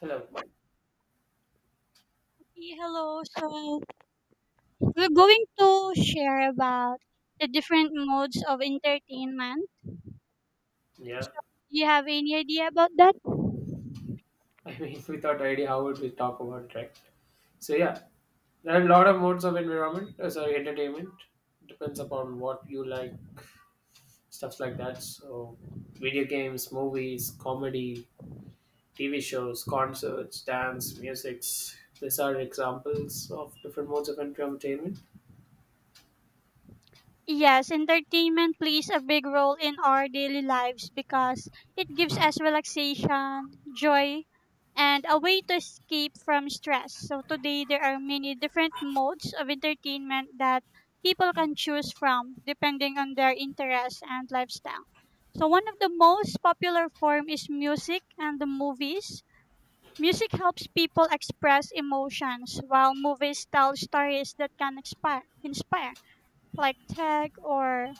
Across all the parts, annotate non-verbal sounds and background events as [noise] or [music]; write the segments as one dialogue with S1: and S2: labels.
S1: Hello.
S2: Hey, hello. So we're going to share about the different modes of entertainment.
S1: Yeah.
S2: So do you have any idea about that?
S1: [laughs] I mean, without idea, how would we talk about it, right? So yeah, there are a lot of modes of entertainment depends upon what you like, stuff like that. So, video games, movies, comedy, TV shows, concerts, dance, musics. These are examples of different modes of entertainment.
S2: Yes, entertainment plays a big role in our daily lives because it gives us relaxation, joy, and a way to escape from stress. So today there are many different modes of entertainment that people can choose from depending on their interests and lifestyle. So one of the most popular form is music and the movies. Music helps people express emotions while movies tell stories that can inspire like tag or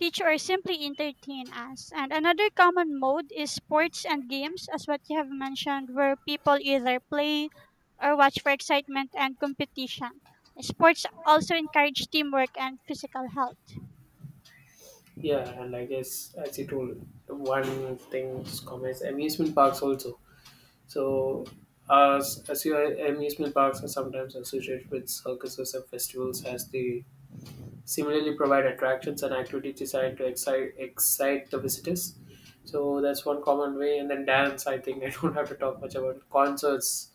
S2: teach or simply entertain us. And another common mode is sports and games, as what you have mentioned, where people either play or watch for excitement and competition. Sports also encourage teamwork and physical health.
S1: Yeah, and I guess as you told, one thing is commerce, amusement parks also. So, as your amusement parks are sometimes associated with circuses and festivals, as they similarly provide attractions and activities designed to excite the visitors. So that's one common way. And then dance, I think [laughs] I don't have to talk much about concerts.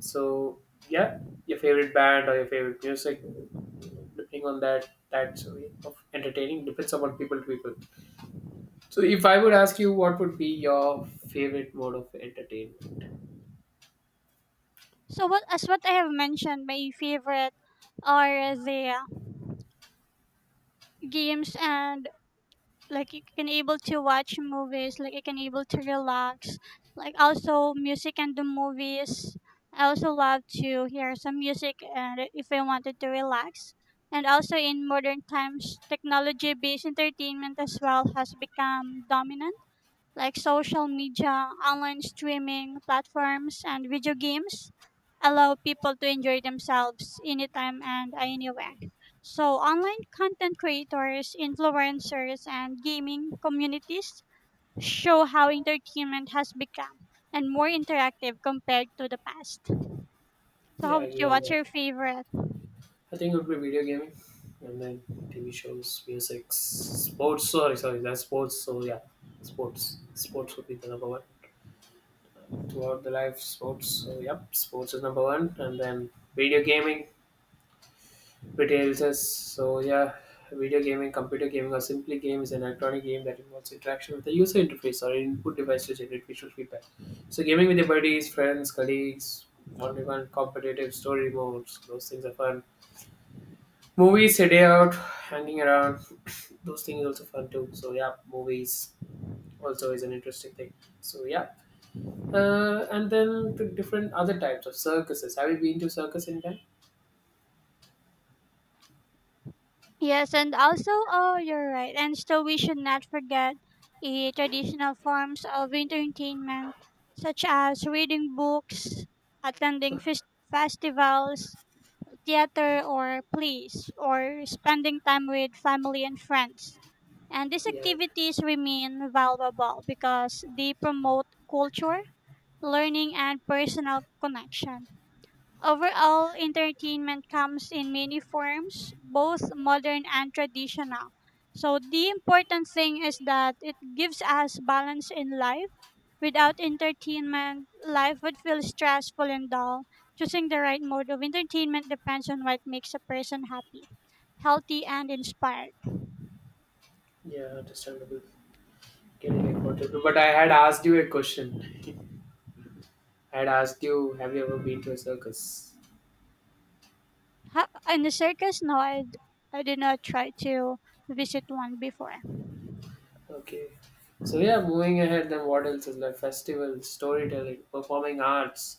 S1: So yeah, your favorite band or your favorite music, depending on that way of entertaining depends upon people to people. So if I would ask you, what would be your favorite mode of entertainment?
S2: So what as what I have mentioned, my favorite are the games and like you can able to watch movies, like you can able to relax, like also music and the movies. I also love to hear some music and if I wanted to relax. And also in modern times, technology based entertainment as well has become dominant, like social media, online streaming platforms, and video games allow people to enjoy themselves anytime and anywhere. So, online content creators, influencers, and gaming communities show how entertainment has become and more interactive compared to the past. So, how
S1: Yeah, I
S2: about you?
S1: agree on
S2: What's
S1: that.
S2: your favorite?
S1: I think it would be video gaming, and then TV shows, music, sports. Sorry, sorry, that's sports. So yeah, sports. Sports would be the number one throughout the life. Sports. So yep, sports is number one, and then video gaming. Retails us. So yeah, video gaming, computer gaming, or simply game is an electronic game that involves interaction with the user interface or input device to generate visual feedback. So gaming with your buddies, friends, colleagues, one-to-one competitive story modes. Those things are fun. Movies, a day out, hanging around, [clears throat] those things also fun too. So yeah, movies also is an interesting thing. So and then the different other types of circuses. Have you been to circus in time?
S2: Yes, and also, oh, you're right. And still, we should not forget the traditional forms of entertainment, such as reading books, attending
S1: [sighs]
S2: festivals, theater, or plays, or spending time with family and friends. And these
S1: Yeah,
S2: activities remain valuable because they promote culture, learning, and personal connection. Overall, entertainment comes in many forms, both modern and traditional. So, the important thing is that it gives us balance in life. Without entertainment, life would feel stressful and dull. Choosing the right mode of entertainment depends on what makes a person happy, healthy, and inspired.
S1: yeah, understandable. Getting it, whatever. But I had asked you a question. I had asked you, have you ever been to a circus?
S2: And the circus? No, I I did not try to visit one before.
S1: Okay. So yeah, moving ahead, then what else is like festivals, storytelling, performing arts,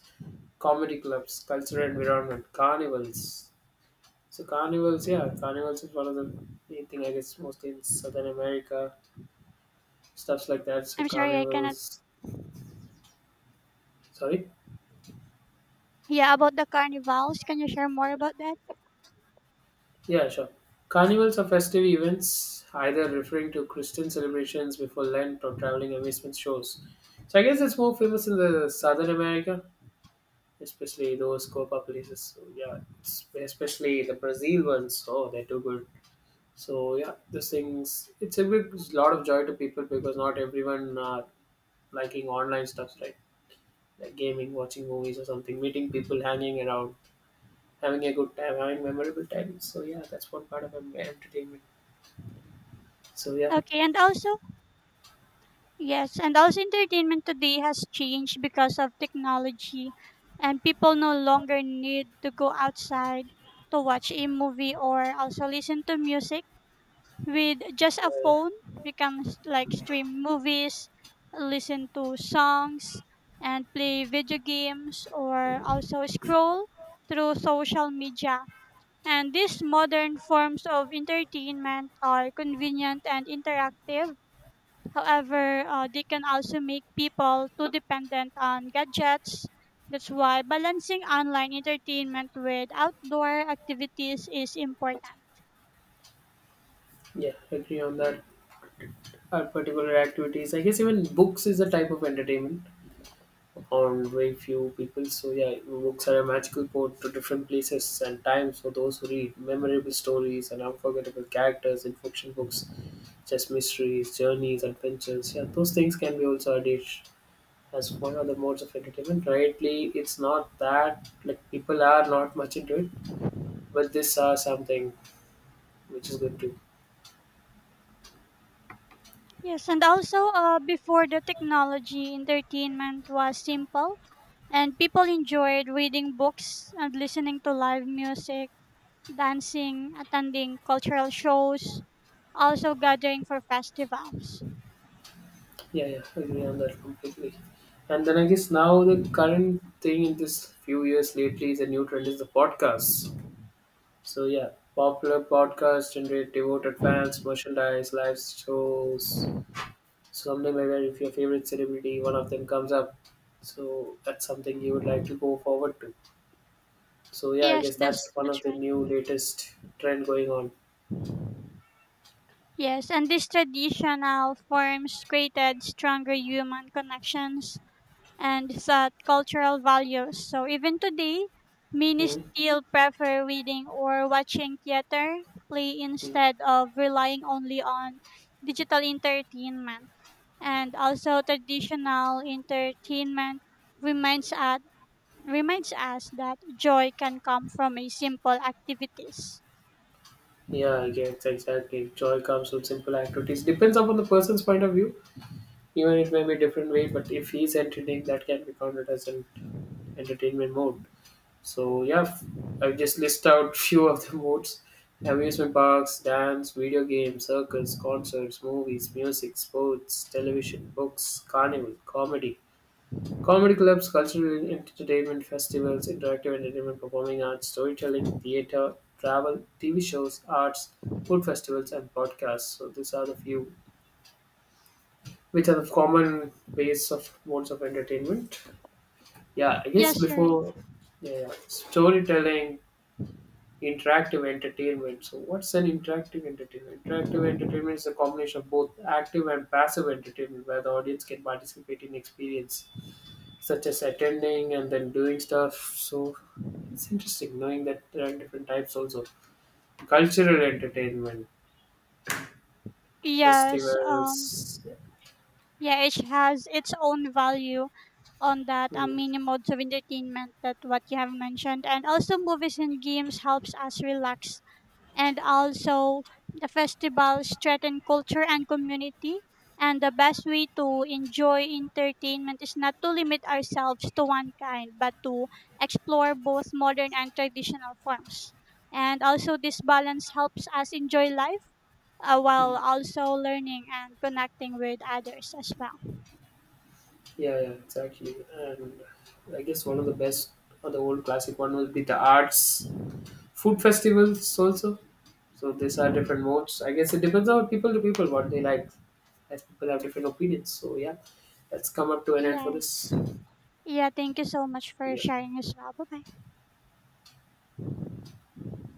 S1: comedy clubs, cultural environment, carnivals. So carnivals, yeah, carnivals is one of the main thing I guess mostly in Southern America, stuffs like that. So
S2: I'm sorry, I cannot.
S1: carnivals, sorry,
S2: Yeah, about the carnivals, can you share more about that?
S1: yeah, sure. Carnivals are festive events, either referring to Christian celebrations before Lent or traveling amusement shows. So I guess it's more famous in the Southern America, especially those Copa places. So yeah, it's- especially the Brazil ones. Oh, they're too good. So yeah, those things. It's a big lot of joy to people because not everyone are liking online stuff, right? Like gaming, watching movies or something, meeting people, hanging around, having a good time, having memorable time. So yeah, that's one part of entertainment. So
S2: Okay, and also, yes, and also entertainment today has changed because of technology, and people no longer need to go outside to watch a movie or also listen to music. With just a
S1: yeah, yeah,
S2: phone, we can like stream movies, listen to songs, and play video games or also scroll through social media. And these modern forms of entertainment are convenient and interactive. However, they can also make people too dependent on gadgets. That's why balancing online entertainment with outdoor activities is important.
S1: yeah, agree on that. Our particular activities, I guess even books is a type of entertainment on very few people. So yeah, books are a magical port to different places and times for those who read memorable stories and unforgettable characters in fiction books, just mysteries, journeys, adventures. Yeah, those things can be also added as one of the modes of entertainment. Rightly, it's not that like people are not much into it, but this are something which is good too.
S2: Yes, and also before the technology, entertainment was simple, and people enjoyed reading books and listening to live music, dancing, attending cultural shows, also gathering for festivals.
S1: Yeah, yeah, I agree on that completely. And then I guess now the current thing in this few years lately is a new trend is the podcasts. So yeah, popular podcasts generate devoted fans, merchandise, live shows, something like that. If your favorite celebrity, one of them comes up, so that's something you would like to go forward to. So yeah, I
S2: Yes,
S1: guess
S2: that's
S1: that's one
S2: that's
S1: of the
S2: right.
S1: new latest trend going on.
S2: Yes, and these traditional forms created stronger human connections and set cultural values. So even today, many
S1: Hmm.
S2: still prefer reading or watching theater play
S1: Mm.
S2: instead of relying only on digital entertainment. And also traditional entertainment reminds us reminds us that joy can come from a simple activities.
S1: Yeah, I guess exactly. Joy comes with simple activities. Depends upon the person's point of view. Even it may be a different way, but if he's entertaining, that can be counted as an entertainment mode. So I've just listed out [laughs] few of the modes: amusement parks, dance, video games, circus, concerts, movies, music, sports, television, books, carnival, comedy, comedy clubs, cultural entertainment festivals, interactive entertainment, performing arts, storytelling, theater, travel, TV shows, arts, food festivals, and podcasts. So these are the few which are the common ways of modes of entertainment. Yeah, I guess
S2: Yes, you're right.
S1: before yeah, yeah. Storytelling, interactive entertainment. So what's an interactive entertainment? Interactive entertainment is a combination of both active and passive entertainment where the audience can participate in experience such as attending and then doing stuff. So it's interesting knowing that there are different types also. Cultural entertainment,
S2: Yes,
S1: festivals.
S2: yeah, it has its own value on that
S1: Mm,
S2: mini modes of entertainment that what you have mentioned, and also movies and games helps us relax, and also the festivals strengthen culture and community, and the best way to enjoy entertainment is not to limit ourselves to one kind but to explore both modern and traditional forms, and also this balance helps us enjoy life, while
S1: mm.
S2: also learning and connecting with others as well.
S1: Yeah, yeah, exactly. And I guess one of the best or the old classic one will be the arts, food festivals also. So these are different modes. I guess it depends on people to people what they like, as people have different opinions. So yeah, let's come up to an end for
S2: Yes.
S1: this.
S2: Yeah, thank you so much for
S1: Yeah.
S2: sharing as well. Bye bye.